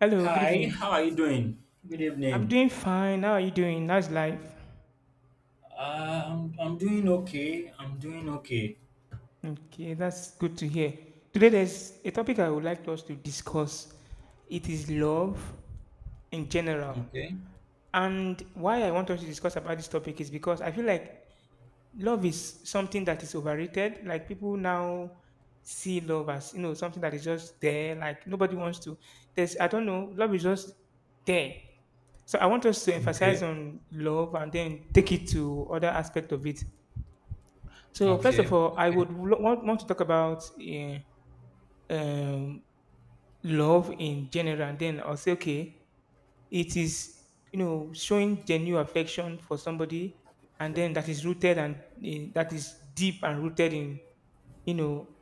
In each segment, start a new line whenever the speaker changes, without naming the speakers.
Hello, good
Hi, how
evening.
are you doing? Good
I'm
evening.
doing fine. How are you doing? How's life?
I'm doing okay. I'm doing okay.
Okay, that's good to hear. Today, there's a topic I would like us to discuss. It is love in general.
Okay.
And why I want us to discuss about this topic is because I feel like love is something that is overrated. Like people now see love as something that is just there. Like nobody wants to. There's I don't know. Love is just there. So I want us to emphasize
Okay.
on love and then take it to other aspect of it. So first of
Okay.
all, I
Okay.
would want to talk about um, love in general, and then I'll say okay, it is showing genuine affection for somebody, and then that is rooted and that is deep and rooted in you know,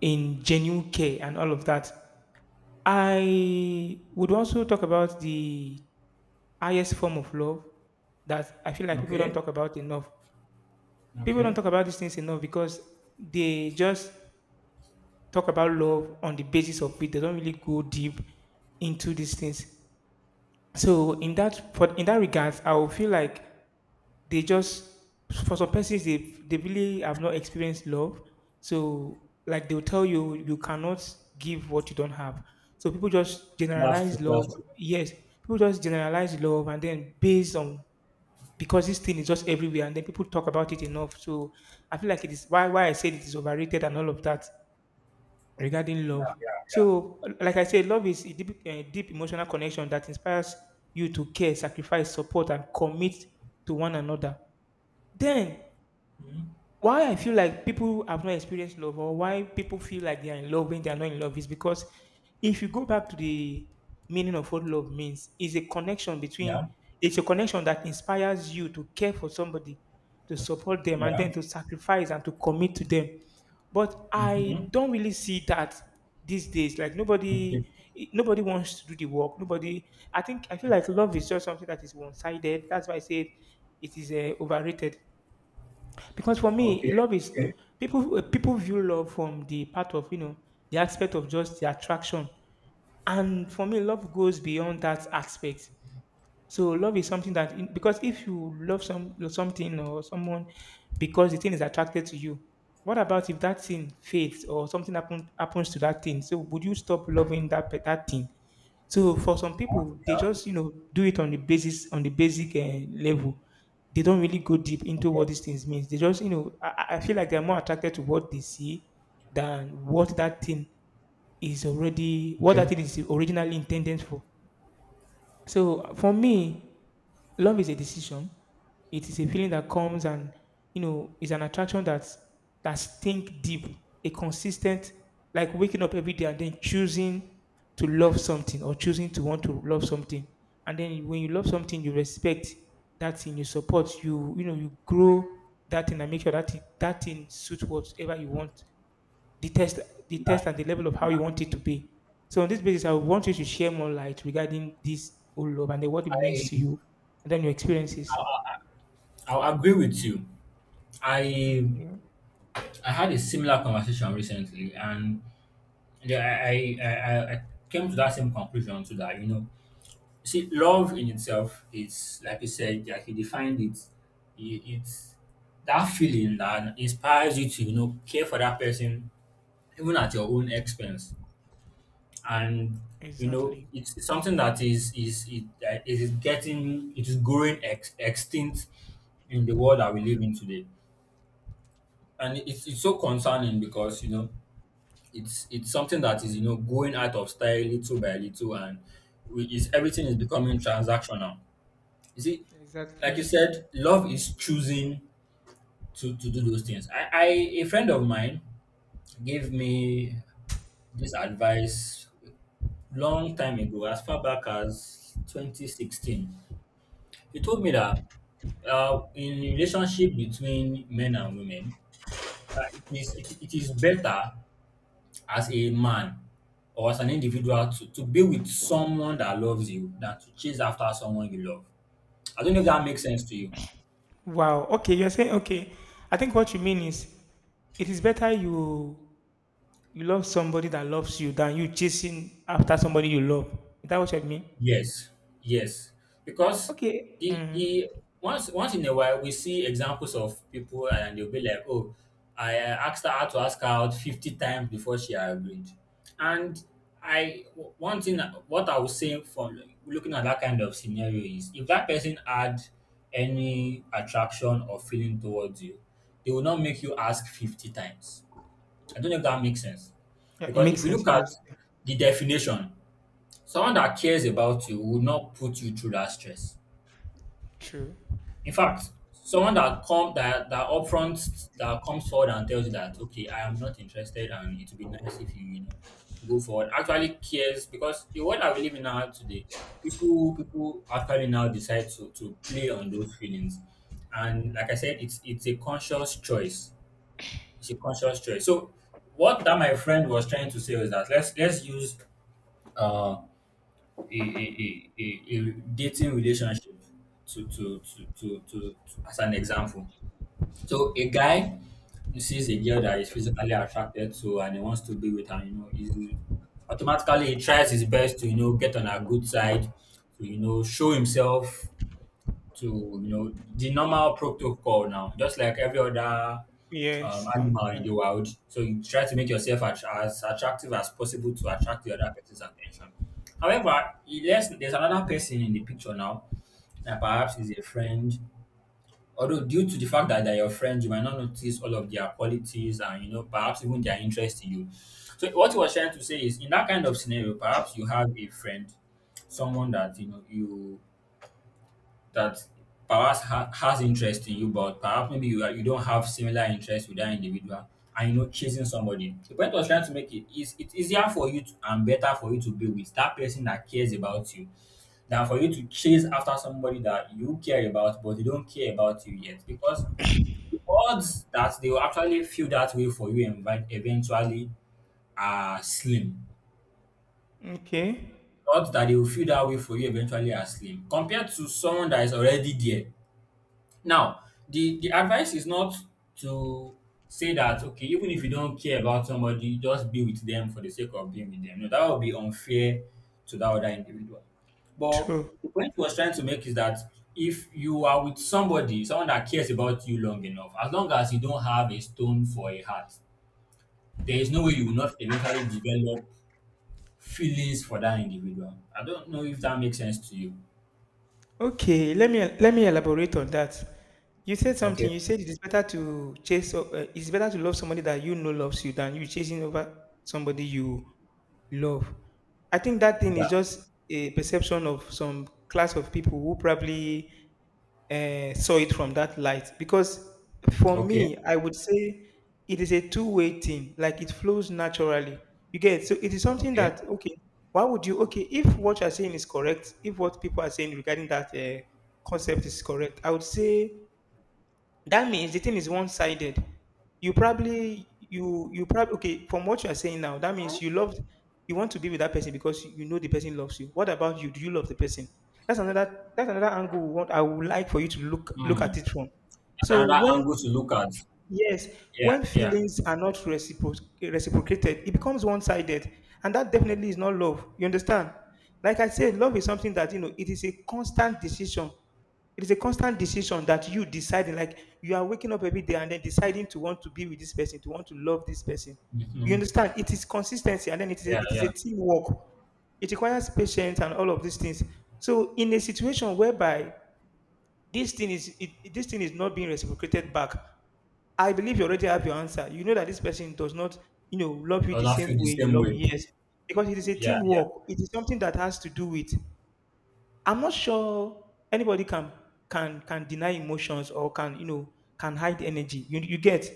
in genuine care and all of that. I would also talk about the highest form of love that I feel like people don't
Okay.
talk about enough. People don't
Okay.
talk about these things enough because they just talk about love on the basis of it. They don't really go deep into these things. So
Okay.
in that regards, I will feel like they just, for some persons, they really have not experienced love. So like they'll tell you, you cannot give what you don't have. So people just
That's true.
generalize love,
That's true.
yes. People just generalize love and then, based on, because this thing is just everywhere and then people talk about it enough, so I feel like it is, why I said it is overrated and all of that, regarding love. So like I said, love is a deep emotional connection that inspires you to care, sacrifice, support and commit to one another. Then
Mhm.
why I feel like people have not experienced love, or why people feel like they are in love when they are not in love, is because if you go back to the meaning of what love means, is a connection
Yeah.
between it's a connection that inspires you to care for somebody, to support them and
Yeah.
then to sacrifice and to commit to them. But I
Mm-hmm.
don't really see that these days. Like
Okay.
nobody wants to do the work. Nobody I think, I feel like love is just something that is one sided. That's why I said it is overrated, because for me,
Okay.
love is
Okay.
people view love from the part of, the aspect of just the attraction, and for me, love goes beyond that aspect. So love is something that because if you love something or someone because the thing is attracted to you, what about if that thing fades or something happens to that thing? So would you stop loving that thing? So for some people, they
Yeah.
just, do it on the basis on the basic level. They don't really go deep into
Okay.
what these things means. They just you know I feel like they're more attracted to what they see than what that thing is,
Okay.
originally intended for. So for me, love is a decision. It is a feeling that comes, and is an attraction that think deep, a consistent, like waking up every day and then choosing to love something, or choosing to want to love something. And then when you love something, you respect that thing, you support, you grow that thing and make sure that thing suits whatever you want, the test the
Yeah.
test and the level of how you
Yeah.
want it to be. So on this basis, I want you to share more light regarding this whole love and then what it means to
I,
you and then your experiences.
I I'll agree with you. I
Okay.
I had a similar conversation recently, and yeah, I came to that same conclusion too that you know You see, love in itself is, like you said, like you defined it, it's that feeling that inspires you to, care for that person even at your own expense. And
Exactly.
it's something that is it, that it is getting it is growing extinct in the world that we live in today. And it's so concerning because it's something that is going out of style little by little, and we, is everything is becoming transactional. You see, like
Exactly.
you said, love is choosing to, do those things. I A friend of mine gave me this advice long time ago, as far back as 2016. He told me that in relationship between men and women, uh, it is it is better as a man or as an individual to, be with someone that loves you than to chase after someone you love. I don't know if that makes sense to you.
Wow. Okay, you're saying okay. I think what you mean is it is better you love somebody that loves you than you chasing after somebody you love. Is that what you mean?
Yes, yes, because
Okay. Mm.
the once once in a while we see examples of people and they'll be like, oh, I asked her how to ask her out 50 times before she agreed, and I w- one thing that- what I was saying from looking at that kind of scenario is if that person had any attraction or feeling towards you, they will not make you ask 50 times. I don't know if that makes sense,
Yeah, it
because if
makes
you
sense.
look
It
at
does. Yeah.
the definition. Someone that cares about you would not put you through that stress.
True.
In fact, someone that come that that upfront that comes forward and tells you that okay, I am not interested and it would be nice if you, go forward, actually cares, because the world that we live in now today, people actually now decide to play on those feelings. And like I said, it's a conscious choice. It's a conscious choice. So what that my friend was trying to say was that let's use uh a dating relationship to as an example. So a guy who sees a girl that he's physically attracted to and he wants to be with her, he tries his best to, get on her good side, to, show himself to, the normal protocol now, just like every other
Yes. And
animal in
yeah.
the wild. So you try to make yourself as attractive as possible to attract the other person's attention. However, he there's another person in the picture now that perhaps is a friend. Although due to the fact that they're your friend, you might not notice all of their qualities and perhaps even their interest in you. So what he was trying to say is, in that kind of scenario, perhaps you have a friend, someone that you know you that perhaps has interest in you, but perhaps maybe you don't have similar interest with that individual, and chasing somebody. The point I was trying to make, it is, it's easier for you to, and better for you to be with that person that cares about you than for you to chase after somebody that you care about, but they don't care about you yet, because the odds that they will actually feel that way for you invite eventually are slim.
Okay.
Odds that they will feel that way for you eventually are slim compared to someone that is already there. Now, the advice is not to say that okay, even if you don't care about somebody, just be with them for the sake of being with them. No, that would be unfair to that other individual. But
True.
the point he was trying to make is that if you are with somebody, someone that cares about you long enough, as long as you don't have a stone for a heart, there is no way you will not eventually develop feelings for that individual. I don't know if that makes sense to you.
Okay, let me elaborate on that. You said something.
Okay.
You said it is better to chase. It's better to love somebody that you know loves you, than you chasing over somebody you love. I think that thing is
Yeah.
just a perception of some class of people who probably, saw it from that light, because for
Okay.
me, I would say it is a two-way thing, like it flows naturally, you get. So it is something
Okay.
that, okay, why would you, okay, if what you're saying is correct, if what people are saying regarding that concept is correct, I would say that means the thing is one-sided. You probably, okay, from what you are saying now, that means you want to be with that person because you know the person loves you. What about you? Do you love the person? That's another angle, what I would like for you to look
Hmm.
at it from.
That's
So
another
when,
angle to look at.
yes,
Yeah,
when
yeah.
feelings are not reciprocated, it becomes one-sided, and that definitely is not love. You understand? Like I said, love is something that, you know, it is a constant decision. It is a constant decision, that you deciding, like you are waking up every day and then deciding to want to be with this person, to want to love this person. You
Mhm.
understand? It is consistency, and then it is a,
Yeah,
it is a
yeah.
teamwork. It requires patience and all of these things. So, in a situation whereby this thing is not being reciprocated back, I believe you already have your answer. You know that this person does not, love you
Does
the
not
same
feel the
way you
same
love.
way.
Yes. Because it is a
Yeah, yeah.
teamwork. It is something that has to do with. I'm not sure anybody can deny emotions, or can hide energy. You get.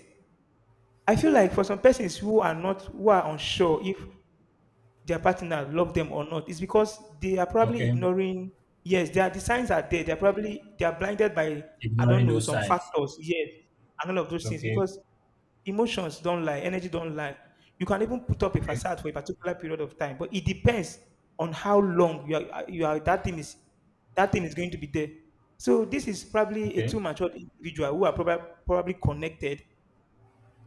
I feel like for some persons who are unsure if their partner love them or not, it's because they are probably
Okay.
ignoring. Yes, they are, the signs are there. They are blinded by, I don't
Ignoring
know,
those
some
signs.
factors, yes, and all of those things.
Okay,
Because emotions don't lie, energy don't lie. You can even put up a
okay,
facade for a particular period of time, but it depends on how long you are that thing is going to be there. So this is probably a
okay,
too matured individual who are probably connected,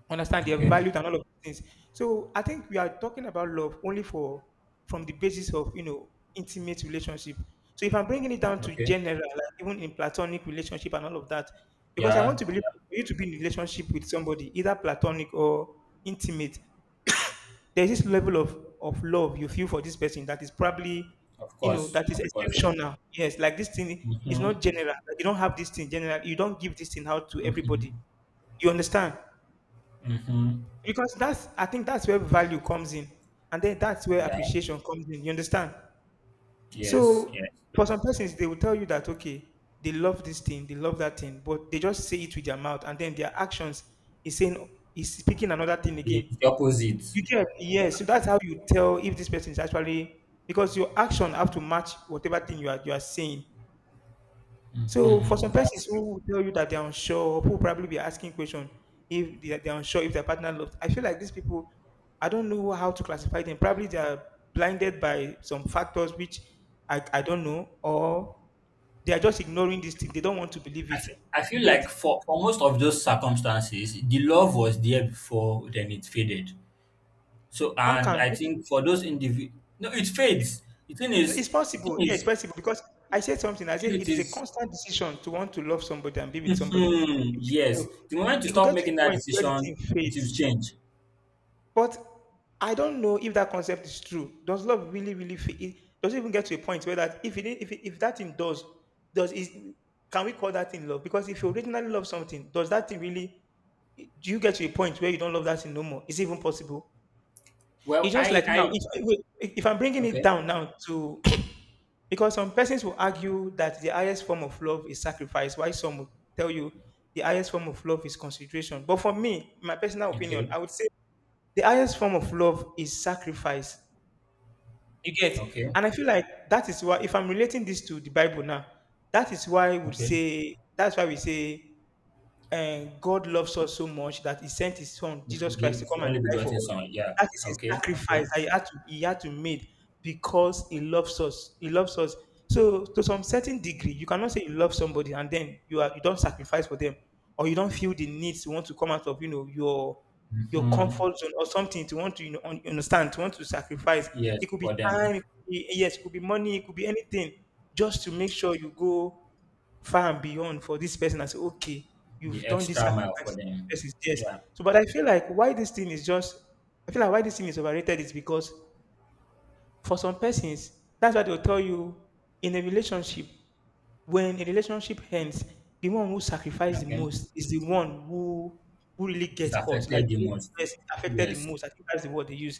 understand their
okay,
values and all of these things. So I think we are talking about love only for from the basis of, intimate relationship. So if I'm bringing it down to
okay.
general, like even in platonic relationship and all of that, because I want
Yeah,
to believe
yeah.
for you to be in a relationship with somebody, either platonic or intimate, there's this level of love you feel for this person that is probably,
Of course,
that is
of course.
exceptional. Yes, like this thing is
Mm-hmm.
not general. Like you don't have this thing general. You don't give this thing out to
Mm-hmm.
everybody. You understand?
Mm-hmm.
Because that's I think that's where value comes in, and then that's where
Yeah.
appreciation comes in. You understand?
Yes,
So
yes.
for some persons, they will tell you that, okay, they love this thing, they love that thing, but they just say it with their mouth, and then their actions is saying is speaking another thing again.
The opposite.
You get.
Yeah.
Yes. So that's how you tell if this person is actually, because your action have to match whatever thing you are saying. So for some
Mm-hmm. That's
persons
true.
who will tell you that they're unsure, who will probably be asking question if they're unsure if their partner loves, I feel like these people, I don't know how to classify them. Probably they're blinded by some factors which, I don't know, or they are just ignoring this thing. They don't want to believe it.
I feel
Yet,
like for most of those circumstances, the love was there before, then it faded. So,
how
and
can,
I
okay,
think for those individual, no, it
it-
fades.
it's
The thing
possible? Yeah, it's
is,
possible because I said something. I
if
said it
it
is a
is,
constant decision to want to love somebody and be with somebody.
mhm,
Okay.
yes,
So
the moment you
it could
stop
get to
making
a
that
point where the
decision,
thing
it
fades.
will change.
But I don't know if that concept is true. Does love really, really feel it? Does it even get to a point where, that if that thing does is can we call that thing love? Because if you originally love something, does that thing really do you get to a point where you don't love that thing no more? Is it even possible? It's
Well,
just
I,
like now,
I,
if wait, if I'm bringing it
okay,
down now to because some persons will argue that the highest form of love is sacrifice, while some will tell you the highest form of love is consideration. But for me, my personal opinion,
okay,
I would say the highest form of love is sacrifice. You get?
okay,
And I feel like that is why, if I'm relating this to the Bible now,
okay.
that's why we say and God loves us so much that He sent His Son,
The
Jesus Christ, to
forgive the
come and
only
die for
begotten
us.
son, yeah,
That is a
okay,
sacrifice
okay.
that he had to make because He loves us. He loves us. So, to some certain degree, you cannot say you love somebody and then you don't sacrifice for them, or you don't feel the need to want to come out of your
Mhm.
comfort zone or something to want to understand to want to sacrifice.
Yes,
It could be
for them,
time, it could be, yes, it could be money, it could be anything, just to make sure you go far and beyond for this person and say, okay, you've
the
done this
extra mile for
sacrifice.
them,
Yes.
yeah,
So, but I feel like why this thing is just, I feel like why this thing is overrated is because for some persons, that's why they'll tell you in a relationship, when a relationship ends, the one who sacrificed the
okay.
most is the one who really
It
gets hurt, like
affected the
who
most.
gets affected the
Yes,
most. I think that's the word they use.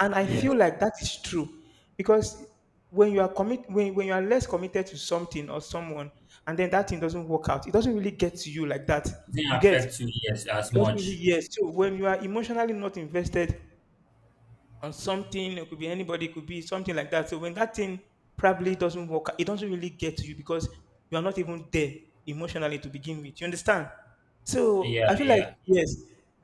And I feel
yes.
like that is true because when you are less committed to something or someone and then that thing doesn't work out, it doesn't really get to you like that.
It didn't
You get it
affect you, yes, as
doesn't really
much.
yes. So when you are emotionally not invested on something. It could be anybody. It could be something like that. So when that thing probably doesn't work, it doesn't really get to you because you are not even there emotionally to begin with. You understand? So
Yeah,
I feel like
yeah, yeah.
yes,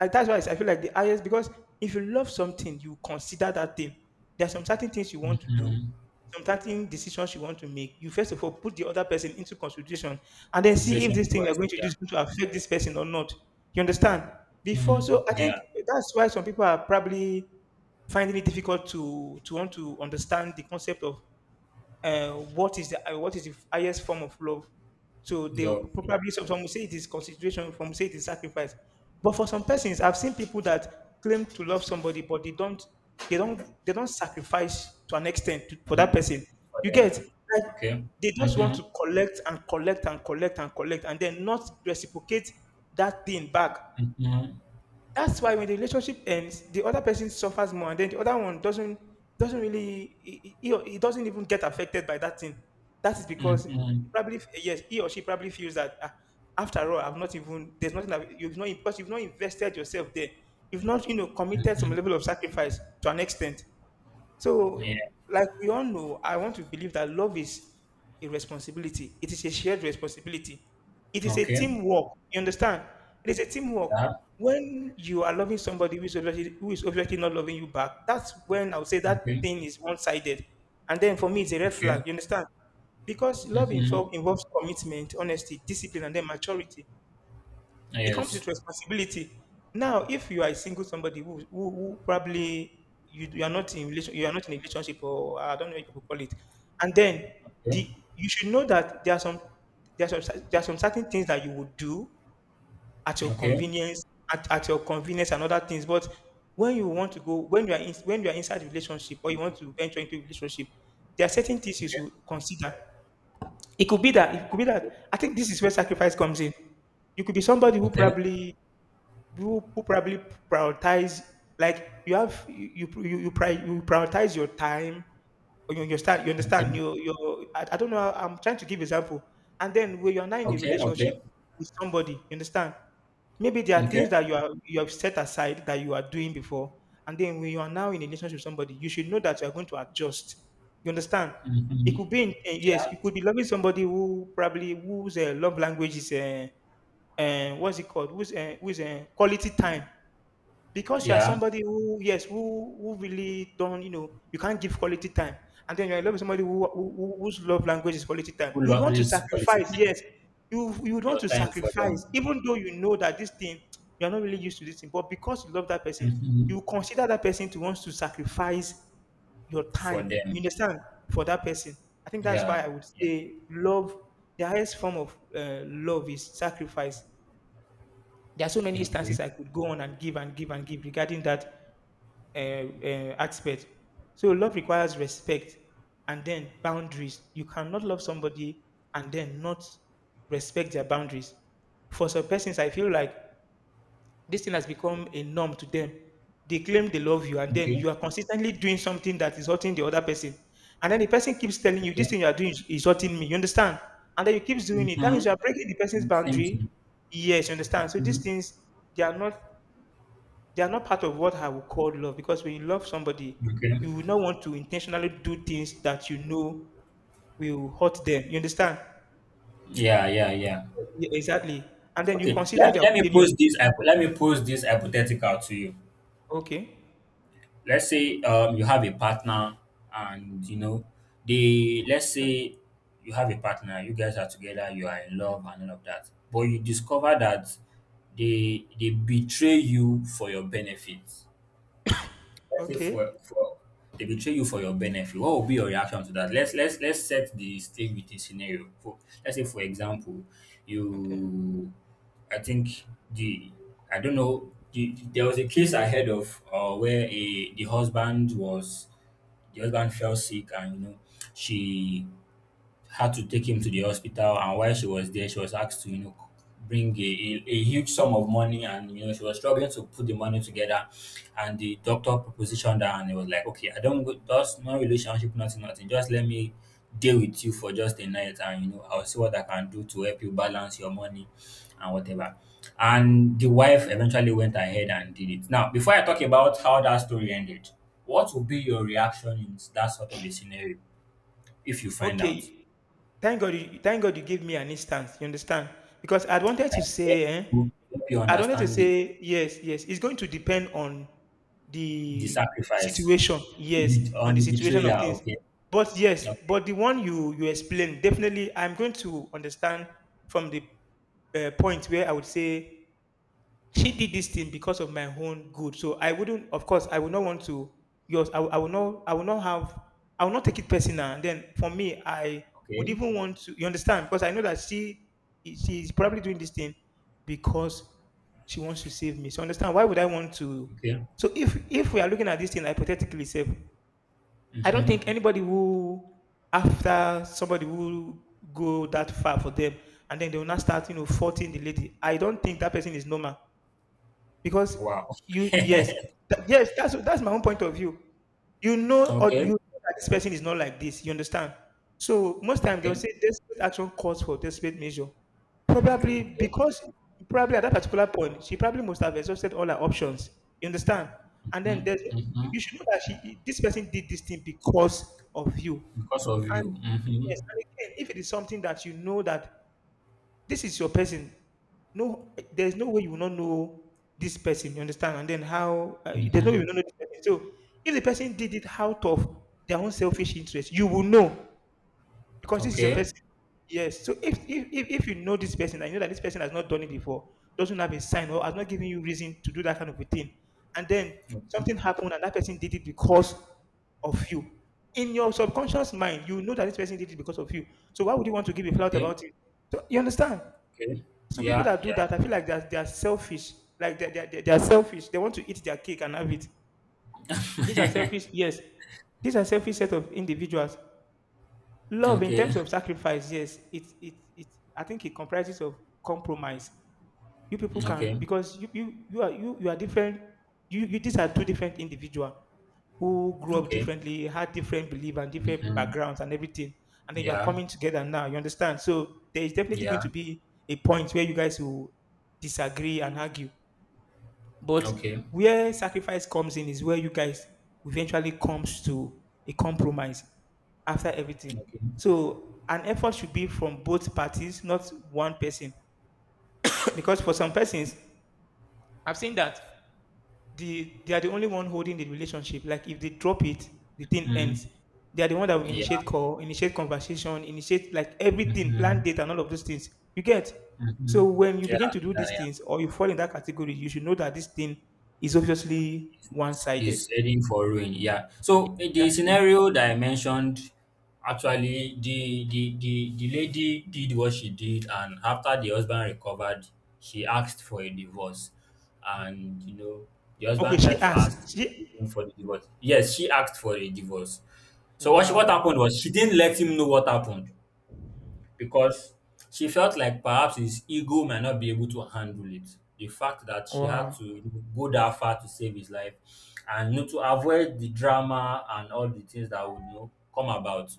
and that's why I feel like the highest because if you love something, you consider that thing. There are some certain things you want to do,
Mm-hmm.
some certain decisions you want to make. You first of all put the other person into consideration and then see if
Situation
this thing you're
first,
going to do
yeah.
is going to affect this person or not. You understand? Before,
Mm,
so I think
yeah,
that's why some people are probably finding it difficult to want to understand the concept of what is the highest form of love. So they
love,
will
yeah.
probably some will say it is consideration, some will say it is sacrifice. But for some persons, I've seen people that claim to love somebody, but they don't sacrifice to an extent to, for that
Mm,
person.
for
You
them,
get like
okay.
they just want
Mm-hmm,
to collect and collect and collect and collect and then not reciprocate that thing back.
mm-hmm,
That's why when the relationship ends, the other person suffers more, and then the other one doesn't really he doesn't even get affected by that thing. That is because
mm-hmm,
he probably yes he or she probably feels that ah, after all I've not even there's nothing that you've not because you've not invested yourself there. You've not committed some
mm-hmm.
level of sacrifice to an extent. So,
Yeah,
like we all know, I want to believe that love is a responsibility. It is a shared responsibility. It is a
okay.
teamwork. You understand? It is a teamwork.
Yeah,
When you are loving somebody who is obviously not loving you back, that's when I would say that
okay,
thing is one sided. And then for me, it's a red flag.
okay.
You understand? Because
Mm-hmm.
involves commitment, honesty, discipline, and then maturity. It comes
Yes.
with responsibility. Now, if you are a single somebody who probably you are not in relation, you are not in a relationship, or I don't know what people call it, and then
Okay,
the you should know that there are some there are some certain things that you would do at your
okay,
convenience, at your convenience and other things. But when you want to go, when you are in, when you are inside a relationship or you want to venture into a relationship, there are certain things you
okay,
should consider. It could be that I think this is where sacrifice comes in. You could be somebody who
okay,
probably you who probably prioritize like you prioritize your time you
okay,
understand you you I don't know I'm trying to give example and then when you're not in a
okay, okay,
relationship with somebody you understand maybe there are
okay.
things that you are you have set aside that you are doing before and then when you are now in a relationship with somebody you should know that you are going to adjust you understand it
Mm-hmm.
could be in, eh, yes you could be loving somebody who probably whose love language is what's it called? Who's quality time? Because you are
Yeah,
somebody who yes, who really don't you can't give quality time, and then you're in love with somebody whose love language is quality time.
who
You would
love
want to
this quality
sacrifice,
time?
yes, you would want
Your
to
time for
sacrifice,
them.
even though you know that this thing you are not really used to this thing, but because you love that person,
Mm-hmm.
you consider that person to want to sacrifice your
For
time. You
them.
understand for that person. I think that's why
Yeah,
I would
yeah.
say love. The highest form of love is sacrifice. There are so many instances
Okay,
I could go on and give and give and give regarding that uh, aspect. So love requires respect and then boundaries. You cannot love somebody and then not respect their boundaries. For some persons, I feel like this thing has become a norm to them. They claim they love you, and then
okay,
you are consistently doing something that is hurting the other person. And then the person keeps telling you, this
okay.
thing you are doing is hurting me. You understand? And then you keep doing it. That means you are
Mm-hmm.
breaking the person's
Same
boundary.
thing.
Yes, you understand. So these
Mm-hmm.
things, they are not they are not part of what I would call love because when you love somebody,
Okay.
you will not want to intentionally do things that you know will hurt them. You understand?
Yeah, yeah, yeah.
Yeah, exactly. And then you
Okay,
consider
let me
their
let me
opinion.
pose this. hypo- Let me pose this hypothetical to you.
Okay.
Let's say you have a partner, and you know they. Let's say you have a partner. You guys are together. You are in love and all of that. But you discover that they betray you for your benefit. Let's say
Okay.
for they betray you for your benefit, what will be your reaction to that? Let's set the stage with a scenario. For let's say for example,
Okay.
you, I think the, I don't know the, there was a case I heard of where a the husband was the husband fell sick and you know she had to take him to the hospital, and while she was there she was asked to, you know, bring a huge sum of money, and you know she was struggling to put the money together, and the doctor propositioned her and it was like okay, I don't go, just no relationship, nothing, nothing, just let me deal with you for just a night, and you know I'll see what I can do to help you balance your money and whatever, and the wife eventually went ahead and did it. Now, before I talk about how that story ended, what would be your reaction in that sort of a scenario if you find out?
Okay. Thank God you gave me an instance. You understand? Because I wanted to
Yeah,
say, eh,
help you
I wanted to
understand
say, yes, yes. It's going to depend on
the
the
sacrifice
situation.
the
Yes,
bet-, or
on the
the
situation of
betrayal.
things.
Okay,
But yes,
okay,
but the one you you explained, definitely I'm going to understand from the point where I would say she did this thing because of my own good. So I wouldn't, of course, I would not want to. I will not, I will not take it personal. And then for me, I would
okay,
even want to, you understand, because I know that she is probably doing this thing because she wants to save me. So understand, why would I want to?
okay.
So if we are looking at this thing hypothetically, save, I don't
Mm-hmm.
think anybody who after somebody who go that far for them and then they will not start, you know, faulting the lady. I don't think that person is normal because
Wow.
you yes,
okay,
yes, that's my own point of view. You know, or you know that this person is not like this. You understand? So most times they'll
okay,
say desperate action calls for desperate measure. Probably
okay.
because probably at that particular point, she probably must have exhausted all her options. You understand? And then there's
Mm-hmm. Mm-hmm.
you should know that she this person did this thing because of you. And
Because of you. Mm-hmm.
yes, and again, if it is something that you know that this is your person. No, there's no way you will not know this person. You understand? And then how? There's no way
Mm-hmm.
you will not know this person. So if the person did it out of their own selfish interest, you will know because this is your
Okay,
person. Yes. So if you know this person and you know that this person has not done it before, doesn't have a sign or has not given you reason to do that kind of a thing, and then something happened and that person did it because of you. In your subconscious mind, you know that this person did it because of you. So why would you want to give a flout
okay,
about it? So you understand?
okay.
So people
Yeah,
that do
yeah.
that, I feel like they're selfish. Like they're selfish. They want to eat their cake and have it. These are selfish, yes. These are selfish set of individuals. Love in
okay,
terms of sacrifice, yes. I think it comprises of compromise you people can
okay,
because you are different, you these are two different individuals who grew up
okay.
differently, had different belief and different
Mm-hmm.
backgrounds and everything. And then you are
Yeah,
coming together now, you understand. So there is definitely going
yeah.
to be a point where you guys will disagree and argue, but
Okay,
where sacrifice comes in is where you guys eventually comes to a compromise after everything.
okay. Okay.
So an effort should be from both parties, not one person. Because for some persons, I've seen that they are the only one holding the relationship. Like if they drop it, the thing
Mm-hmm.
ends. They are the one that will
Yeah.
initiate call, initiate conversation, initiate like everything, plan
Mm-hmm.
date and all of those things. You get.
Mm-hmm.
So when you begin
Yeah,
to do
yeah,
these
yeah.
things or you fall in that category, you should know that this thing is obviously one-sided.
Is heading for ruin. Yeah. So in
That-
the scenario that I mentioned, actually, the lady did what she did, and after the husband recovered, she asked for a divorce, and you know the
Okay,
husband
she
tried to ask
asked. She
him for the divorce. Yes, she asked for a divorce. So what she, what
wow.
happened was she didn't let him know what happened because she felt like perhaps his ego might not be able to handle it. The fact that she had
Wow.
to go that far to save his life, and you know, to avoid the drama and all the things that would, you know, come about.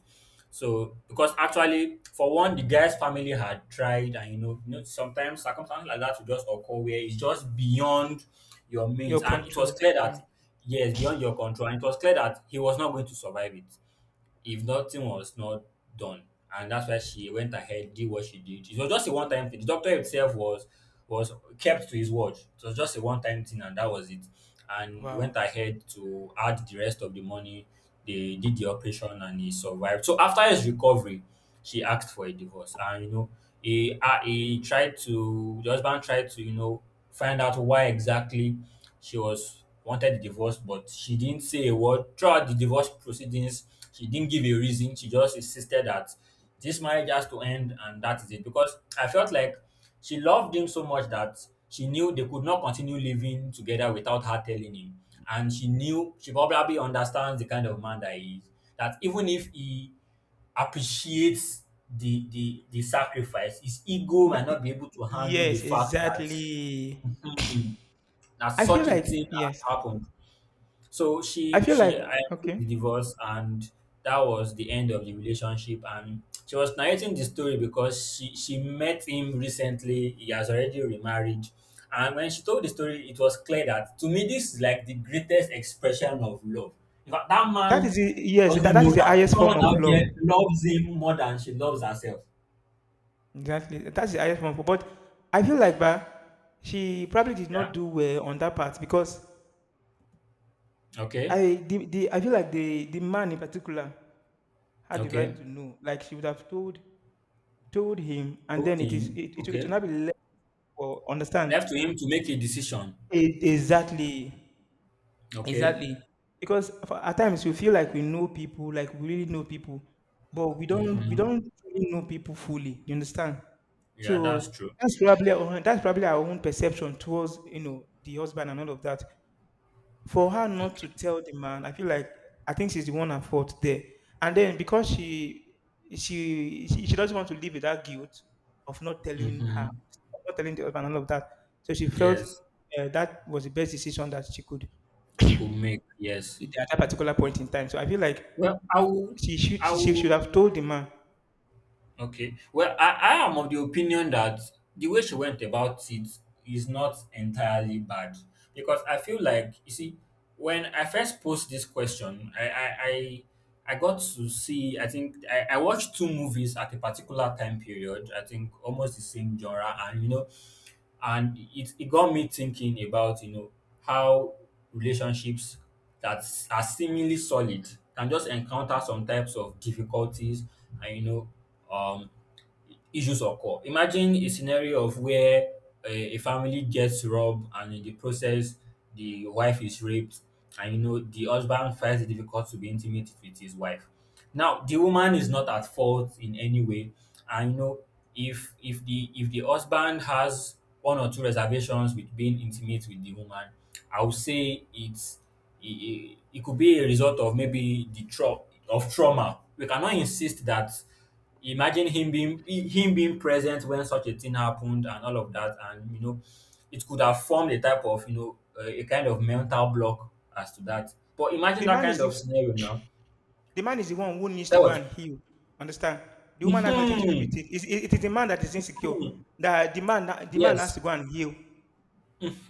So, because actually, for one, the guy's family had tried, and you know, sometimes circumstances like that will just occur where it's just beyond your
Your
means, and it was
control.
clear that
Wow.
yes, beyond your control, and it was clear that he was not going to survive it if nothing was not done. And that's why she went ahead, did what she did. It was just a one time thing. The doctor himself was kept to his word. It was just a one time thing and that was it. And he
Wow.
went ahead to add the rest of the money. They did the operation and he survived. So after his recovery, she asked for a divorce, and he tried to the husband tried to find out why exactly she was wanted the divorce, but she didn't say a word throughout the divorce proceedings. She didn't give a reason. She just insisted that this marriage has to end and that is it, because I felt like she loved him so much that she knew they could not continue living together without her telling him. And she knew, she probably understands the kind of man that he is, that even if he appreciates the sacrifice, his ego might
That-
not be able to handle the
yes,
fact that,
exactly.
hmm, that
I feel
such a
like
thing has
yes.
happened. So
I feel like
she I took the
okay.
divorce, and that was the end of the relationship, and she was narrating the story because she met him recently. He has already remarried, and when she told the story, it was clear that to me this is like the greatest expression of love. In fact, that
That is
man
the yes, that,
doesn't
that
know
is the
that
highest form
someone
of
out
love.
there loves him more than she loves herself.
Exactly. That's the highest form of but I feel like bah, she probably did not
Yeah.
do well on that part because
Okay.
I feel like the man in particular had the right
Okay,
to know. Like she would have told told him, and
talk
then
to
it is
him.
it, it will
Okay,
not be left for understand.
left to him to make a decision.
E- exactly.
Okay.
Exactly. Because for- at times we feel like we know people, like we really know people, but we don't we
Hmm.
don't really know people fully. You understand?
Yeah, that's
So
true.
that's probably our own perception towards, you know, the husband and all of that. For her not to
Okay.
tell the man, I feel like I think she's the one at fault there. And then because she doesn't want to live with that guilt of not telling her,
Mm-hmm.
not telling the husband and all of that. So she felt
Yes,
that was the best decision that she could.
she could make. Yes.
At that particular point in time. So I feel like
Well, I will. I
she should
will.
have told the man.
Okay. Well, I am of the opinion that the way she went about it is not entirely bad, because I feel like, you see, when I first posed this question, I got to see, I think, I watched two movies at a particular time period, I think almost the same genre. And it got me thinking about how relationships are seemingly solid can just encounter some types of difficulties, and issues occur. Imagine a scenario of where a family gets robbed, and in the process the wife is raped, and the husband finds it difficult to be intimate with his wife. Now the woman is not at fault in any way, and if the husband has one or two reservations with being intimate with the woman, I would say it could be a result of maybe of trauma. We cannot insist that. Imagine him being present when such a thing happened and all of that, and it could have formed a type of a kind of mental block as to that. But
The
imagine that
man is
kind of
the,
scenario now.
the man is the one who needs to
So
go
was,
and heal. Understand? The woman has nothing to do with
Mhm.
it. It is the man that is insecure.
Hmm.
The man has to
Yes.
go and heal.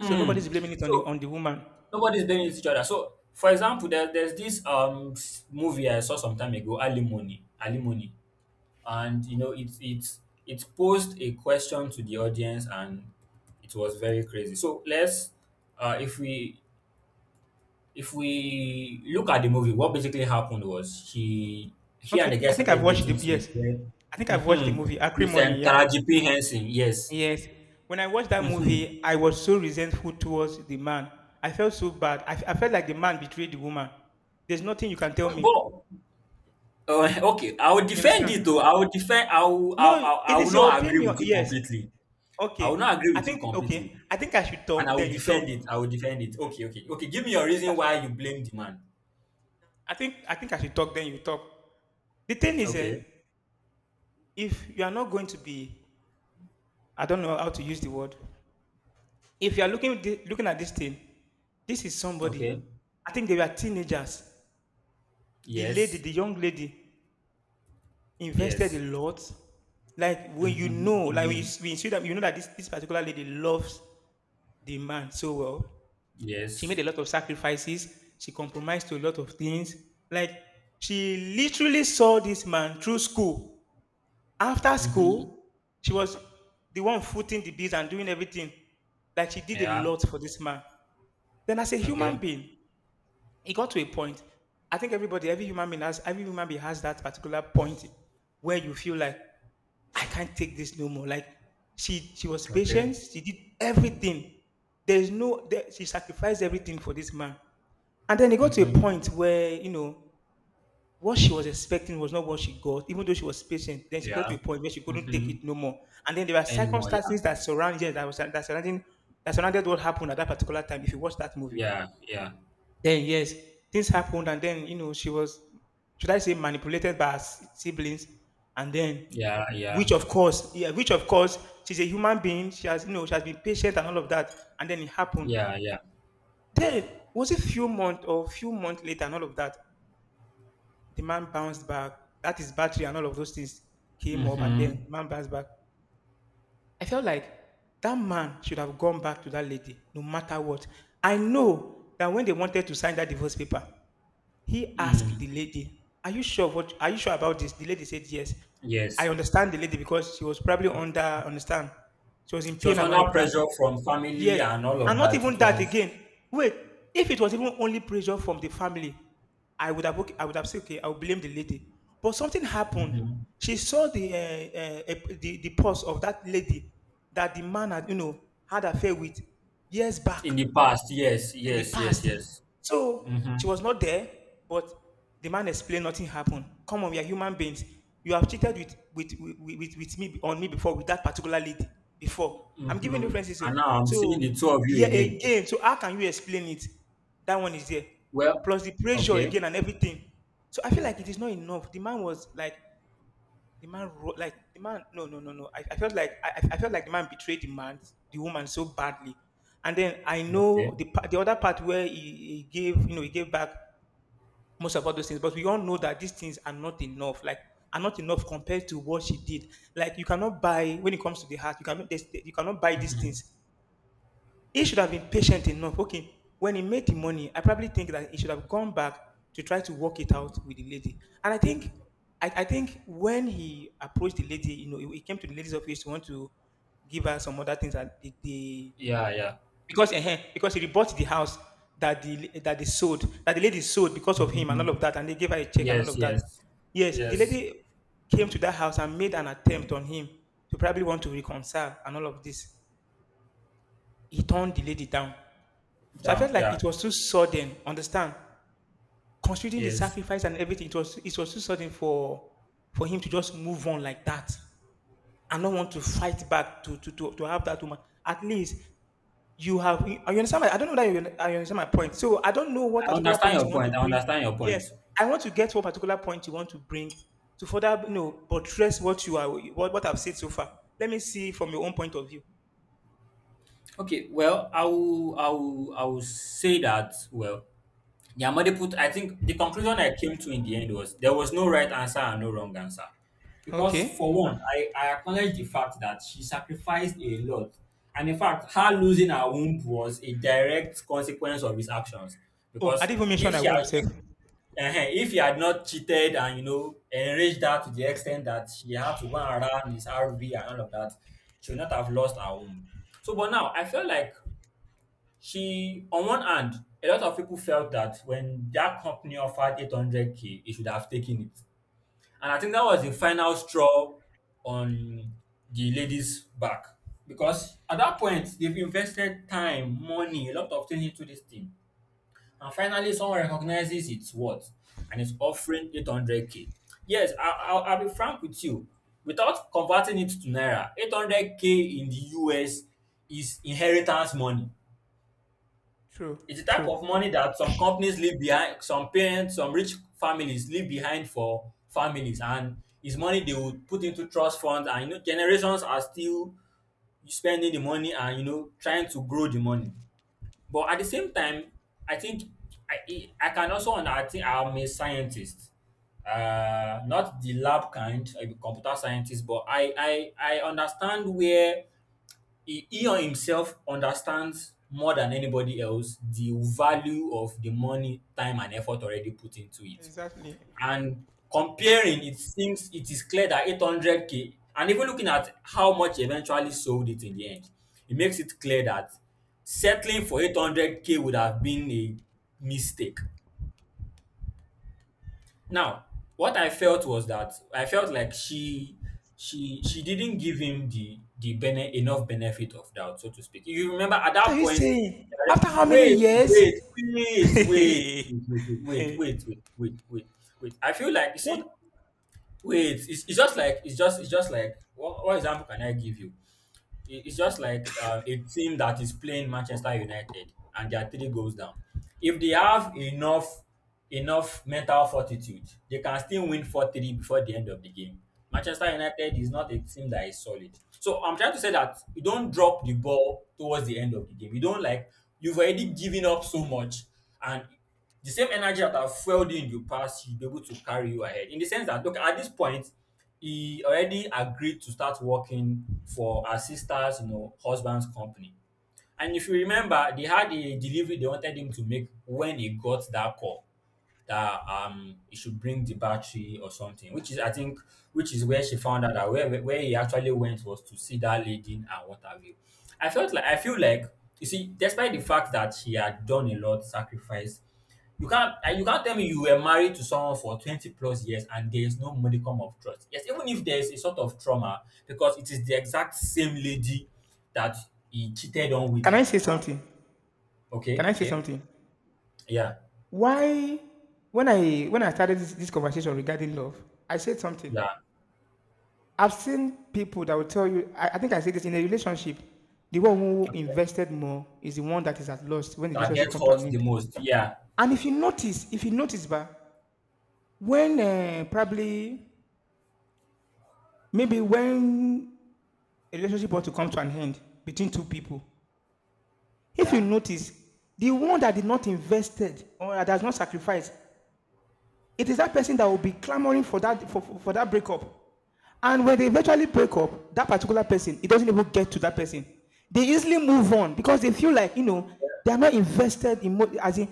So nobody's blaming it on the
So
woman.
nobody's blaming each other. So, for example, there's this movie I saw some time ago, Alimony, Alimony. And it posed a question to the audience, and it was very crazy. So let's uh if we if we look at the movie, what basically happened was he and the
Okay,
guy
I think I've
started
watched the
dating since
yes,
then.
I think I've watched the
Mm-hmm.
movie
It's
Acrimony.
Tara
Yeah,
G.P. Henson. Yes.
yes. When I watched that
Mm-hmm.
movie, I was so resentful towards the man. I felt so bad. I felt like the man betrayed the woman. There's nothing you can tell
Wait,
me.
but okay, I will
You
defend
understand?
it though. I will defend I will, I,
No,
I
it
will
is your
not agree
opinion.
with you
Yes.
completely. I
Okay.
will not agree
I
with you
think
completely.
okay. I think I should
And I
talk,
will
then you talk.
defend it. I will defend it.
Hmm?
Okay, okay, okay. Give me your
I think I
reason
should
why you blame the man.
I think I should talk, then you talk. The thing is
Okay,
if you are not going to be, I don't know how to use the word. If you are looking at this thing, this is somebody.
okay.
I think they were teenagers. The lady,
Yes,
the young lady invested a
yes.
lot. Like when you
Mm-hmm.
know, like when
Hmm.
when you see that you know that this particular lady loves the man so well. She made
Yes.
a lot of sacrifices. She compromised to a lot of things. Like, she literally saw this man through school. After
Mm-hmm.
school, she was the one footing the bills and doing everything. Like, she did a
Yeah.
lot for this man. Then, as a human
Okay.
being, it got to a point. I think every human being has that particular point where you feel like, I can't take this no more. Like, she was
Okay.
patient. She did everything. There's no, there, she sacrificed everything for this man. And then it got to a
Mm-hmm.
point where, you know, what she was expecting was not what she got, even though she was patient. Then she got to a
Yeah.
point where she couldn't take
Mm-hmm.
it no more. And then there were
Anymore. Yeah.
circumstances that surrounded that was that surrounding that surrounded what happened at that particular time. If you watch that movie,
Yeah. Yeah.
then yes, things happened, and then you know she was, should I say, manipulated by her siblings, and then
Yeah. Yeah.
which of course, she's a human being. She has, you know, she has been patient and all of that, and then it happened.
Yeah. Yeah.
Then was it few months or few months later and all of that? The man bounced back. That is battery and all of those things came up, and
Mm-hmm.
then the man bounced back. I felt like that man should have gone back to that lady, no matter what. I know that when they wanted to sign that divorce paper, he asked
Mm.
the lady, "Are you sure what? Are you sure about this?" The lady said, "Yes." I
Yes.
understand the lady because she was probably under understand. She was in
She was
pain and all
under
of that.
pressure from family
Yes,
and all
and
of
not
that.
even
It
that
was.
again. Wait, if it was even only pressure from the family, I would have okay, I would have said okay, I will blame the lady. But something happened.
Mhm.
She saw the the post of that lady that the man had, you know, had affair with years back
In the past. Yes.
in the
Yes. Yes.
past.
Yes.
So she
Mm-hmm.
was not there, but the man explained nothing happened. Come on, we are human beings. You have cheated with me on me before with that particular lady before. I'm giving
Mhm.
references. So,
And now I'm
so
seeing the two of you
yeah,
again.
again. So how can you explain it? That one is there.
Well,
Plus the pressure
okay,
again and everything. So I feel like it is not enough. The man was like like the man no no no no, I felt like I felt like the man betrayed the man the woman so badly. And then I know
okay.
the other part where he gave, you know, he gave back most of all those things, but we all know that these things are not enough, like are not enough compared to what she did. Like you cannot buy when it comes to the heart. You cannot buy these
Mhm.
things. He should have been patient enough. Okay, when he made the money, I probably think that he should have gone back to try to work it out with the lady. And I think, I think when he approached the lady, you know, he came to the lady's office to want to give her some other things that the
Yeah, yeah.
because he rebought the house that they sold, that the lady sold because of him and all
Mhm.
of that, and they gave her a check and all
Yes,
of that.
yes,
Yes, the
yes.
lady came to that house and made an attempt on him to probably want to reconcile and all of this. He turned the lady down. So I
Down,
felt like it
yeah,
was too sudden, understand? Considering the
yes.
sacrifice and everything, it was too sudden for him to just move on like that and not want to fight back to have that woman. At least you have you understand my, I don't know that you I understand my point. So I don't know what
I
particular
understand
point you
your
want to
point. I
bring.
understand your
Yes,
point.
I want to get what particular point you want to bring to further, you know, buttress what you are what I've said so far. Let me see from your own point of view.
Okay, well, I will say that. Well, Yamade put, I think the conclusion I came to in the end was there was no right answer and no wrong answer. Because, for
Okay.
one, I acknowledge the fact that she sacrificed a lot. And in fact, her losing her womb was a direct consequence of his actions.
Oh, I
Because
didn't even
if
mention I
she had,
won't save.
if, eh, if he had not cheated and, enraged her to the extent that she had to go around his RV and all of that, she would not have lost her womb. So, but now I feel like she, on one hand, a lot of people felt that when that company offered 800K, he should have taken it. And I think that was the final straw on the lady's back. Because at that point, they've invested time, money, a lot of things into this thing. And finally, someone recognizes its worth and is offering 800K. Yes, I'll be frank with you. Without converting it to Naira, 800K in the US is inheritance money.
True,
It's the type
true.
of money that some companies leave behind, some parents, some rich families leave behind for families, and it's money they would put into trust funds, and generations are still spending the money and trying to grow the money. But at the same time, I think I I can also under- I think I'm a scientist, not the lab kind, I'm a computer scientist. But I understand where he on himself understands more than anybody else the value of the money, time, and effort already put into it.
Exactly.
And comparing, it seems it is clear that 800K, and even looking at how much eventually sold it in the end, it makes it clear that settling for 800K would have been a mistake. Now, what I felt was that I felt like she didn't give him enough benefit of doubt, so to speak. If you remember at
What are
that
you
point,
saying?
right,
After how many
wait,
years?
wait, wait, wait, wait, wait, wait, wait, wait, wait, wait. I feel like you see,
What?
wait, it's just like what example can I give you? It's just like a team that is playing Manchester United and they are three goals down. If they have enough mental fortitude, they can still win 4-3 before the end of the game. Manchester United is not a team that is solid. So I'm trying to say that you don't drop the ball towards the end of the game. You don't, like, you've already given up so much, and the same energy that have fueled you in the past should be able to carry you ahead. In the sense that, look, at this point, he already agreed to start working for her sister's, husband's company. And if you remember, they had a delivery they wanted him to make when he got that call, that he should bring the battery or something, which is, I think, which is where she found out that where he actually went was to see that lady and her water view. I felt like I feel like you see, despite the fact that she had done a lot sacrifice, you can't tell me you were married to someone for 20 plus years and there is no modicum of trust. Yes, even if there is a sort of trauma, because it is the exact same lady that he cheated on with
Can I
in the
say
past.
something?
Okay.
Can I say
Okay.
something?
Yeah.
Why? When I started this, this conversation regarding love, I said something.
Yeah,
I've seen people that will tell you. I think I said this in a relationship. The one who invested more is the one that is at loss when the
that
relationship
gets
comes to an
hurt the
end.
most. Yeah.
And if you notice, but when probably maybe when a relationship ought to come to an end between two people, if you
Yeah.
notice, the one that did not invested or that has not sacrificed, it is that person that will be clamoring for that for that breakup. And when they eventually break up, that particular person, it doesn't even get to that person. They easily move on because they feel like they are not invested in, as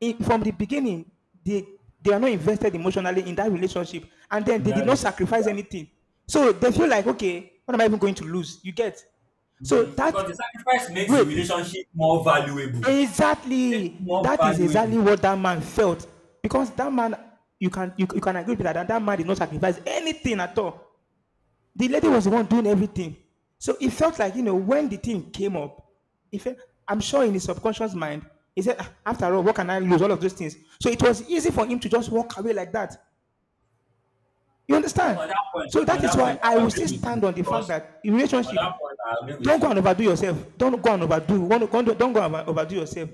in from the beginning they they are not invested emotionally in that relationship, and then
In
they
that
did not
relationship.
sacrifice
Yeah.
anything. So they feel like, okay, what am I even going to lose? You get, so
Mhm.
that
Because the sacrifice makes the
wait.
relationship more valuable. Makes it
Exactly.
more
That is
valuable.
exactly what that man felt. Because that man, you can agree with that, that that man did not sacrifice anything at all. The lady was the one doing everything. So it felt like, you know, when the thing came up, it felt, I'm sure in his subconscious mind, he said, "Ah, after all, what can I lose? All of those things." So it was easy for him to just walk away like that. You
Well,
understand? So that
on
is
that
why
point,
I
I
will still
agree with you,
stand on the fact
because
that in
on
relationship,
that point, I agree with
don't go and
you.
overdo yourself. Don't go and overdo. Don't go and overdo yourself.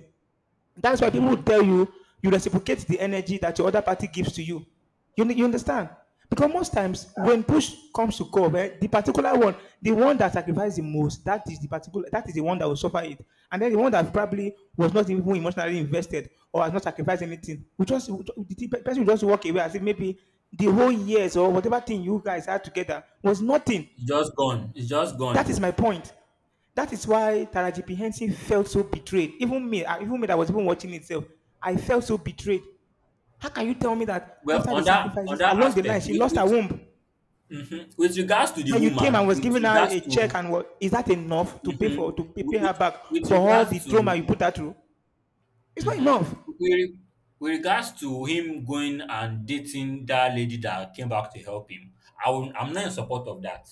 That's why people will
Hmm.
tell you, you reciprocate the energy that your other party gives to you. You understand? Because most times when push comes to shove, eh, the one that sacrificed the most, that is the one that will suffer it. And then the one that probably was not even emotionally invested or has not sacrificed anything, we just, the person will just walk away as if maybe the whole years or whatever thing you guys had together was nothing.
It's just gone. It's just
That
gone.
is my point. That is why Taraji P. Henson felt so betrayed. Even me that was even watching itself, I felt so betrayed. How can you tell me that
Well,
after the
on
sacrifices,
that
along the line,
aspect,
she lost her
with,
womb?
mhm, with regards to the
Then you came and
woman,
was
with
giving her
regards
a check,
to
and what is that, enough to pay for,
mhm,
to pay
with,
her
with
back
with
for all the
regards
trauma
to.
you put her through? It's not
Mhm.
enough.
With with regards to him going and dating that lady that came back to help him, I'm not in support of that.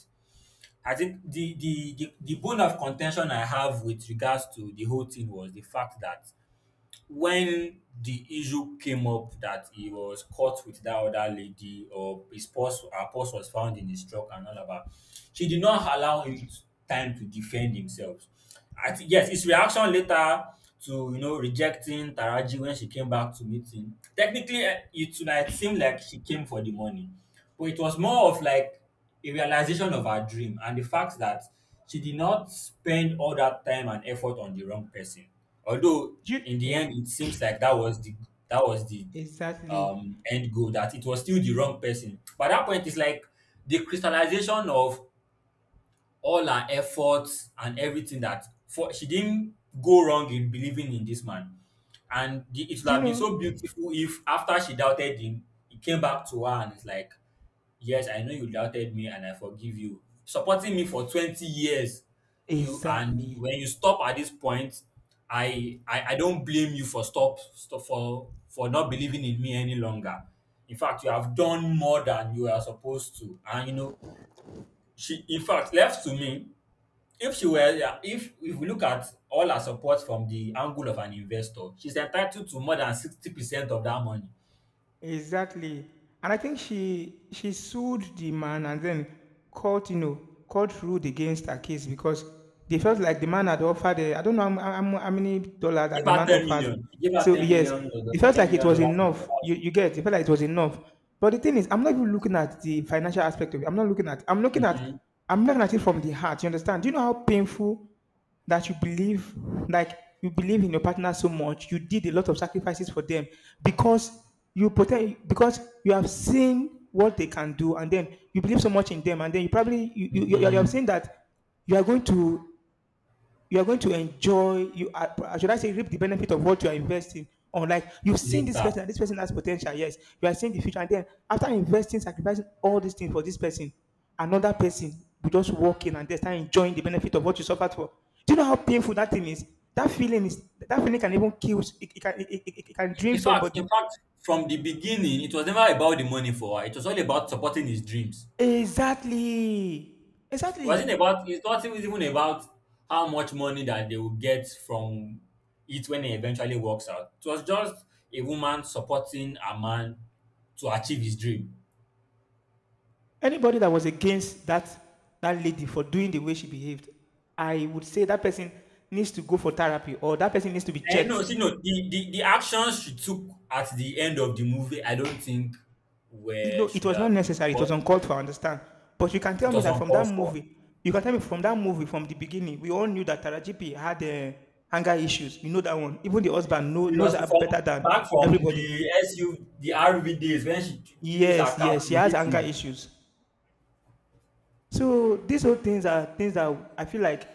I think the bone of contention I have with regards to the whole thing was the fact that when the issue came up that he was caught with that other lady, or his purse her purse was found in his truck and all of that, she did not allow him time to defend himself. I think, yes, his reaction later to rejecting Taraji, when she came back to meet him, technically, it would, like, seem like she came for the money, but it was more of like a realization of her dream and the fact that she did not spend all that time and effort on the wrong person. Although
Do you,
in the
yeah,
end, it seems like that was the
exactly.
end goal. That it was still the wrong person. But at that point, it's like the crystallization of all her efforts and everything, that for she didn't go wrong in believing in this man. And the, it
Do
would
you
have been so
know?
beautiful if after she doubted him, he came back to her and it's like, "Yes, I know you doubted me and I forgive you. Supporting me for 20 years. You and
Exactly.
when you stop at this point, I don't blame you for stop, stop for not believing in me any longer. In fact, you have done more than you are supposed to. And you know, she in fact left to me." If she were, yeah, if we look at all her support from the angle of an investor, she's entitled to more than 60% of that money.
Exactly. And I think she sued the man, and then court, you know, court ruled against her case because they felt like the man had offered a, I don't know how, how, how many dollars that
Give
the
her
man
10
offered.
million. Give her
So
10
yes,
million,
it
dollars-
felt
10
like it
million
was
dollars and the
enough. You
house.
you get, it felt like it was enough. But the thing is, I'm not even looking at the financial aspect of it. I'm not looking at I'm looking at,
Mhm,
I'm looking at it from the heart. You understand? Do you know how painful that you believe, like you believe in your partner so much, you did a lot of sacrifices for them, because you protect, because you have seen what they can do, and then you believe so much in them, and then you probably, you have
mhm.
seen that you are going to, you are going to enjoy. You are, should I say, reap the benefit of what you are investing. On, like, you've seen this
Later.
person, and this person has potential. Yes, you are seeing the future, and then after investing, sacrificing all these things for this person, another person will just walk in and they start enjoying the benefit of what you suffered for. Do you know how painful that thing is? That feeling can even kill. It can drain
In fact,
somebody.
in fact, from the beginning, it was never about the money for her. It was all about supporting his dreams.
Exactly.
It
Exactly.
wasn't about. It's not even about how much money that they will get from it when it eventually works out. It was just a woman supporting a man to achieve his dream.
Anybody that was against that, that lady for doing the way she behaved, I would say that person needs to go for therapy, or that person needs to be
And no,
checked.
see, no, the actions she took at the end of the movie, I don't think
It, no,
were
it
should
was not
have been
necessary. It was
what
uncalled for. I understand. But you can tell
it
me
was
that from that
uncalled for.
movie, you can tell me from that movie, from the beginning, we all knew that Tarajipi had anger issues. You know that one. Even the husband
It
knows
was
her better
from
than
back from
everybody.
the RV days when she used her
Yes,
car
yes, she
to
has
hit
anger
him.
issues. So these whole things are things that I feel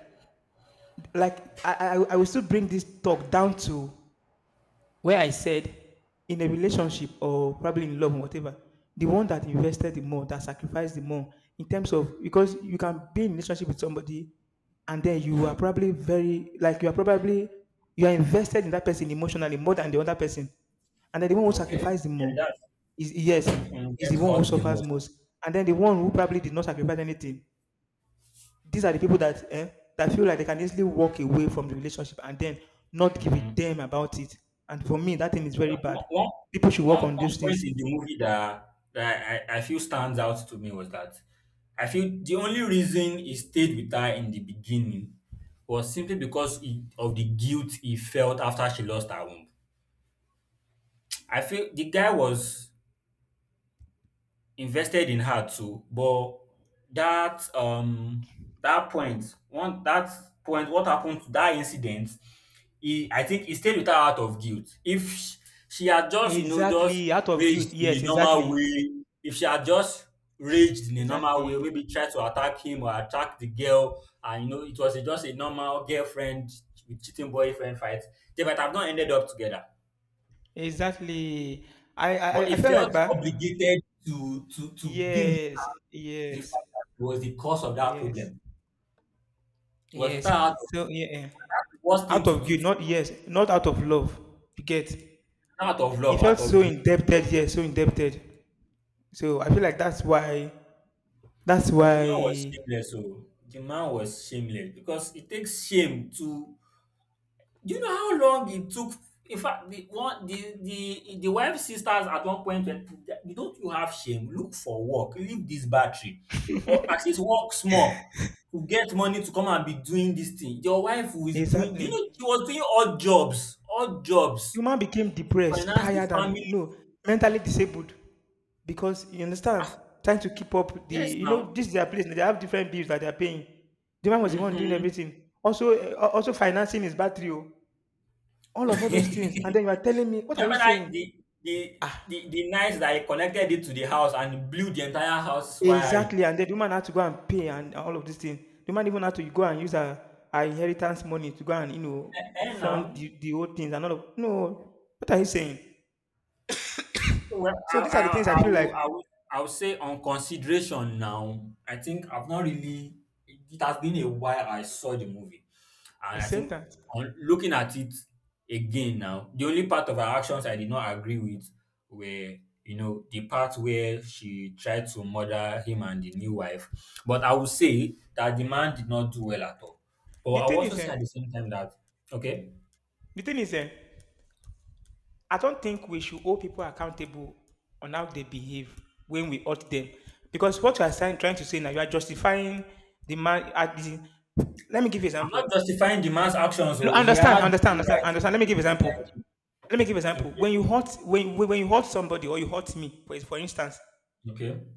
like I will still bring this talk down to where I said, in a relationship, or probably in love or whatever, the one that invested the more, that sacrificed the more, in terms of, because you can be in relationship with somebody, and then you are probably very, like, you are probably, you are invested in that person emotionally more than the other person, and then the one who
Okay.
sacrificed the more
Yeah,
is, yes,
that when
is the
get
one who
hurt the
suffers
most.
most, and then the one who probably did not sacrifice anything, these are the people that, eh, that feel like they can easily walk away from the relationship and then not give a
Mhm.
damn about it. And for me, that thing is
I
very
don't-
bad.
One, one,
People should work
one
on
one
those things.
point in the movie that, that I feel stands out to me was that I feel the only reason he stayed with her in the beginning was simply because he, of the guilt he felt after she lost her womb. I feel the guy was invested in her too. But that um that point, one that point, what happened to that incident? He, I think he stayed with her out of guilt. If sh- She had just, you know, just
Exactly, out of guilt.
raged in
Yes,
a normal
exactly,
way, if she had just raged in a normal way,
exactly,
maybe tried to attack him or attack the girl, and you know, it was a, just a normal girlfriend with cheating boyfriend fight, they might have not ended up together.
exactly. I I,
But
I I
he
feel like
felt
that.
obligated to be with
Yes,
the
yes,
fact that it was the cause of that
yes,
problem. It was
yes.
without out of
So yeah, eh,
worst thing
out
to
of
do,
guilt,
to,
not, yes, not out of love. You get.
out of
He
love,
felt
out of
so
guilt.
indebted. Yes, so indebted. So I feel like that's why. That's
But the man was
why.
shameless. So the man was shameless because it takes shame to. Do you know how long it took? In fact, the one the wife's sisters at one point were, you don't you have shame? Look for work. Leave this battery, or at least work small to get money to come and be doing this thing. Your wife who is doing, do you know, she
Exactly.
was doing odd
The
jobs
man became
to
depressed,
finance the
tired, and
family.
no, mentally disabled. Because you understand, trying to keep up the,
Yes,
you know,
now.
this is their place. They have different bills that they are paying. The man was the one doing
Hmm.
everything. Also, eh, also financing his battery, oh, all of all those things. And then you are telling me, what are you
Remember that
saying?
the
Ah,
the night that I connected it to the house and blew the entire house wiring.
exactly. And then the woman had to go and pay and all of these things. The man even had to go and use her, her inheritance money to go and, you know,
And
fund
now,
the old things and all of, no, what are you saying?
so, well,
So these are the things I
I,
feel like
will, I, will, I will say on consideration now, I think I've not really, it has been a while I saw the movie.
I.
And I
Except
think
that
on looking at it again now, the only part of her actions I did not agree with were, you know, the part where she tried to murder him and the new wife. But I would say that the man did not do well at all. But
the
I will
thing
also
is,
say
eh,
at the same time that, okay,
the thing is, eh, I don't think we should hold people accountable on how they behave when we hurt them, because what you are saying, trying to say now, you are justifying the man. At the, let me give you
I'm
example.
not justifying the man's actions,
No,
so he had no right
understand.
to
Let me
do
give
the things
example.
that he
Let me give example.
did.
When you hurt, when when you hurt somebody or you hurt me, for instance,
Okay. Okay.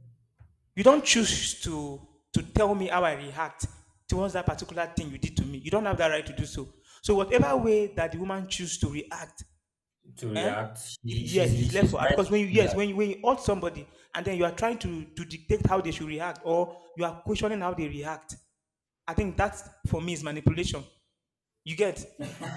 you don't choose to tell me how I react towards that particular thing you did to me. You don't have that right to do so. So whatever way that the woman choose to react.
To
Eh?
react.
It, yes, it's left
She's
for,
right
because when
to
you,
do
yes, when you hurt somebody and then you are trying to dictate how they should react, or you are questioning how they react. I think that's, for me, is manipulation. You get,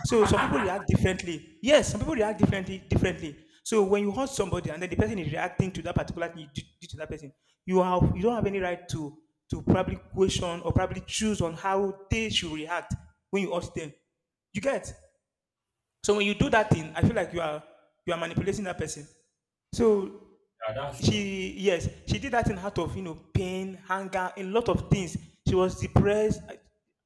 so some people
that.
react differently. Yes, some people react differently. So when you hurt somebody and then the person is reacting to that particular thing you did to that person, you have, you don't have any right to probably question, or probably choose on how they should react when you hurt them. You get, so when you do that thing, I feel like you are manipulating that person. So
Yeah, that's true.
she, yes, she did that in out of, you know, pain, anger, a lot of things. She was depressed. I-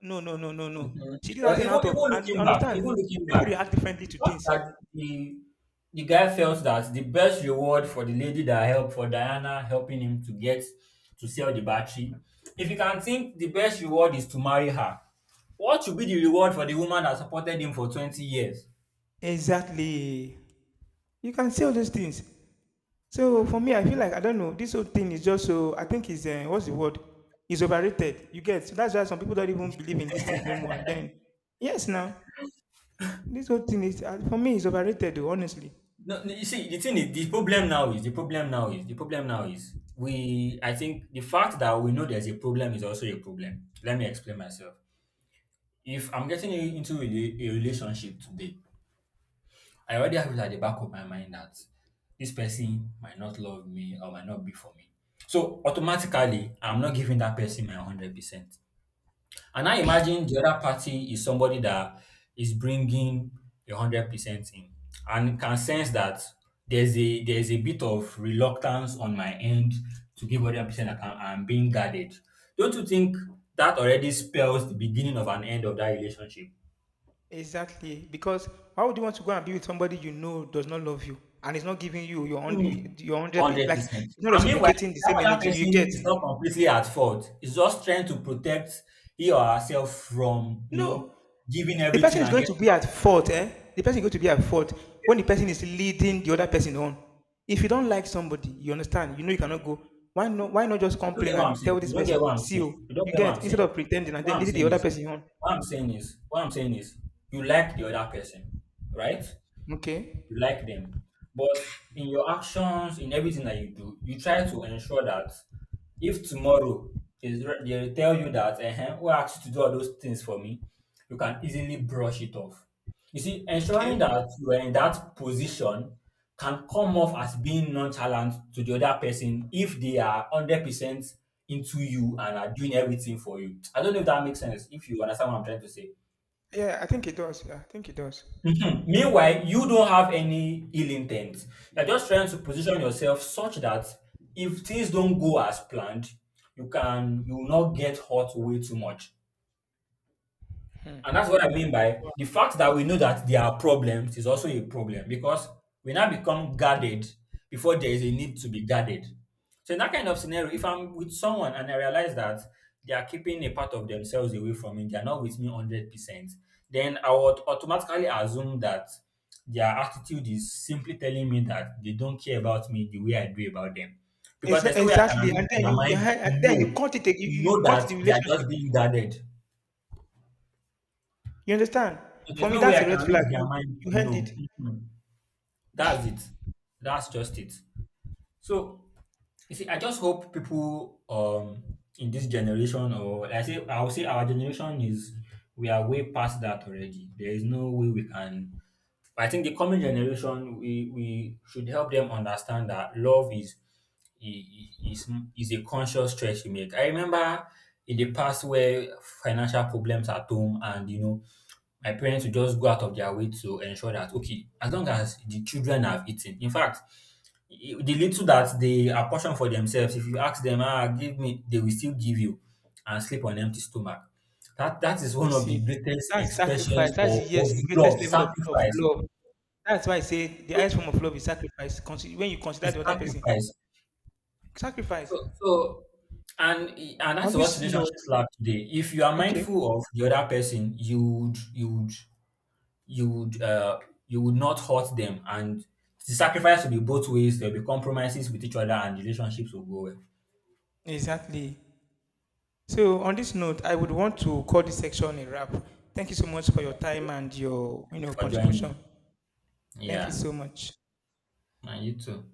No, no, no, no, no.
Mhm.
She did
Well,
that
even
in out of,
even
and you
looking back,
understand,
even looking
people
back,
react differently to
not
things.
that the guy felt that the best reward for the lady that helped for Diana helping him to get to sell the battery. If you can think the best reward is to marry her, what should be the reward for the woman that supported him for 20 years?
Exactly. You can say all those things. So for me, I feel like I don't know. This whole thing is just so. I think is, what's the word? Is overrated. You get. So that's why some people don't even believe in these things no more. And then yes, now. This whole thing is, for me, it's overrated, though, honestly.
No, no, you see, the thing is, the problem now is we. I think the fact that we know there's a problem is also a problem. Let me explain myself. If I'm getting into a relationship today, I already have it at the back of my mind that this person might not love me or might not be for me. So automatically, I'm not giving that person my 100%. And I imagine the other party is somebody that is bringing a 100% in and can sense that there's a bit of reluctance on my end to give 100% that I'm being guarded. Don't you think that already spells the beginning of an end of that relationship?
Exactly. Because why would you want to go and be with somebody you know does not love you, and is not giving you your own,
Mm.
your hundred, pe-
Hundred
like,
percent.
it's not
And meanwhile,
reciprocating
if
the
that
same
other
energy you get?
person is not completely at fault. It's just trying to protect he or herself from, you
No.
know, giving
The person
everything
is
and
going to
getting
be at
nothing in
fault,
return.
eh? The person is going to be at fault when the person is leading the other person on. If you don't like somebody, you understand, you know you cannot go. Why not just
You don't
complain
get what I'm
and
saying.
tell this
You don't get
person,
what I'm
see
saying.
you,
You don't
you
get what
get,
I'm
instead
saying.
of pretending and
What
then
I'm
leading the
saying
other
is,
person on?
what I'm saying is, you like the other person, right?
Okay.
You like them, but in your actions, in everything that you do, you try to ensure that if tomorrow they tell you that, who asked you to do all those things for me, you can easily brush it off. You see, ensuring
Okay.
that you are in that position can come off as being nonchalant to the other person if they are 100% into you and are doing everything for you. I don't know if that makes sense, if you understand what I'm trying to say.
Yeah, I think it does. Yeah, I think it does.
Mhm. Meanwhile, you don't have any ill intent. You're just trying to position yourself such that if things don't go as planned, you can you will not get hurt way too much. And that's what I mean by the fact that we know that there are problems is also a problem because we now become guarded before there is a need to be guarded. So in that kind of scenario, if I'm with someone and I realize that they are keeping a part of themselves away from me, they are not with me 100%, then I would automatically assume that their attitude is simply telling me that they don't care about me the way I do about them. Because
Exa
there's no way I can
exactly, and
read
then
their
you
mind
and
to
then you
know
cut it. Ag-
to
You
know
cut
that
the
they are
relationship.
just being guarded.
You understand? For
There's
me,
no way
that's
I
a
can
red flag.
read their
You
mind.
you end it.
No. Mhm. That's it. That's just it. So you see, I just hope people in this generation or like, I say I would say our generation is we are way past that already. There is no way we can I think the coming generation, we should help them understand that love is i- i- is is a conscious choice you make. I remember in the past where financial problems at home, and you know, my parents would just go out of their way to ensure that okay, as long as the children have eaten. In fact, the little that they apportion for themselves, if you ask them, ah, give me, they will still give you, and sleep on empty stomach. That is
You
one of the
see,
greatest
that's
expressions
sacrifice. That's,
of
yes, the greatest
love,
level of
sacrifice.
love. That's why I say the
So
highest form of love is sacrifice. Consi- When you consider
it's
the other person,
sacrifice.
sacrifice.
So so and
On
that's what
this note,
relationship lack today. If you are
okay,
mindful of the other person, you would uh you would not hurt them and the sacrifice will be both ways. There'll be compromises with each other and relationships will go well.
exactly. So on this note, I would want to call this section a wrap. Thank you so much for your
Okay.
time and your, you
Thank you
know,
for joining.
contribution. Thank you
Yeah.
so much.
And you too.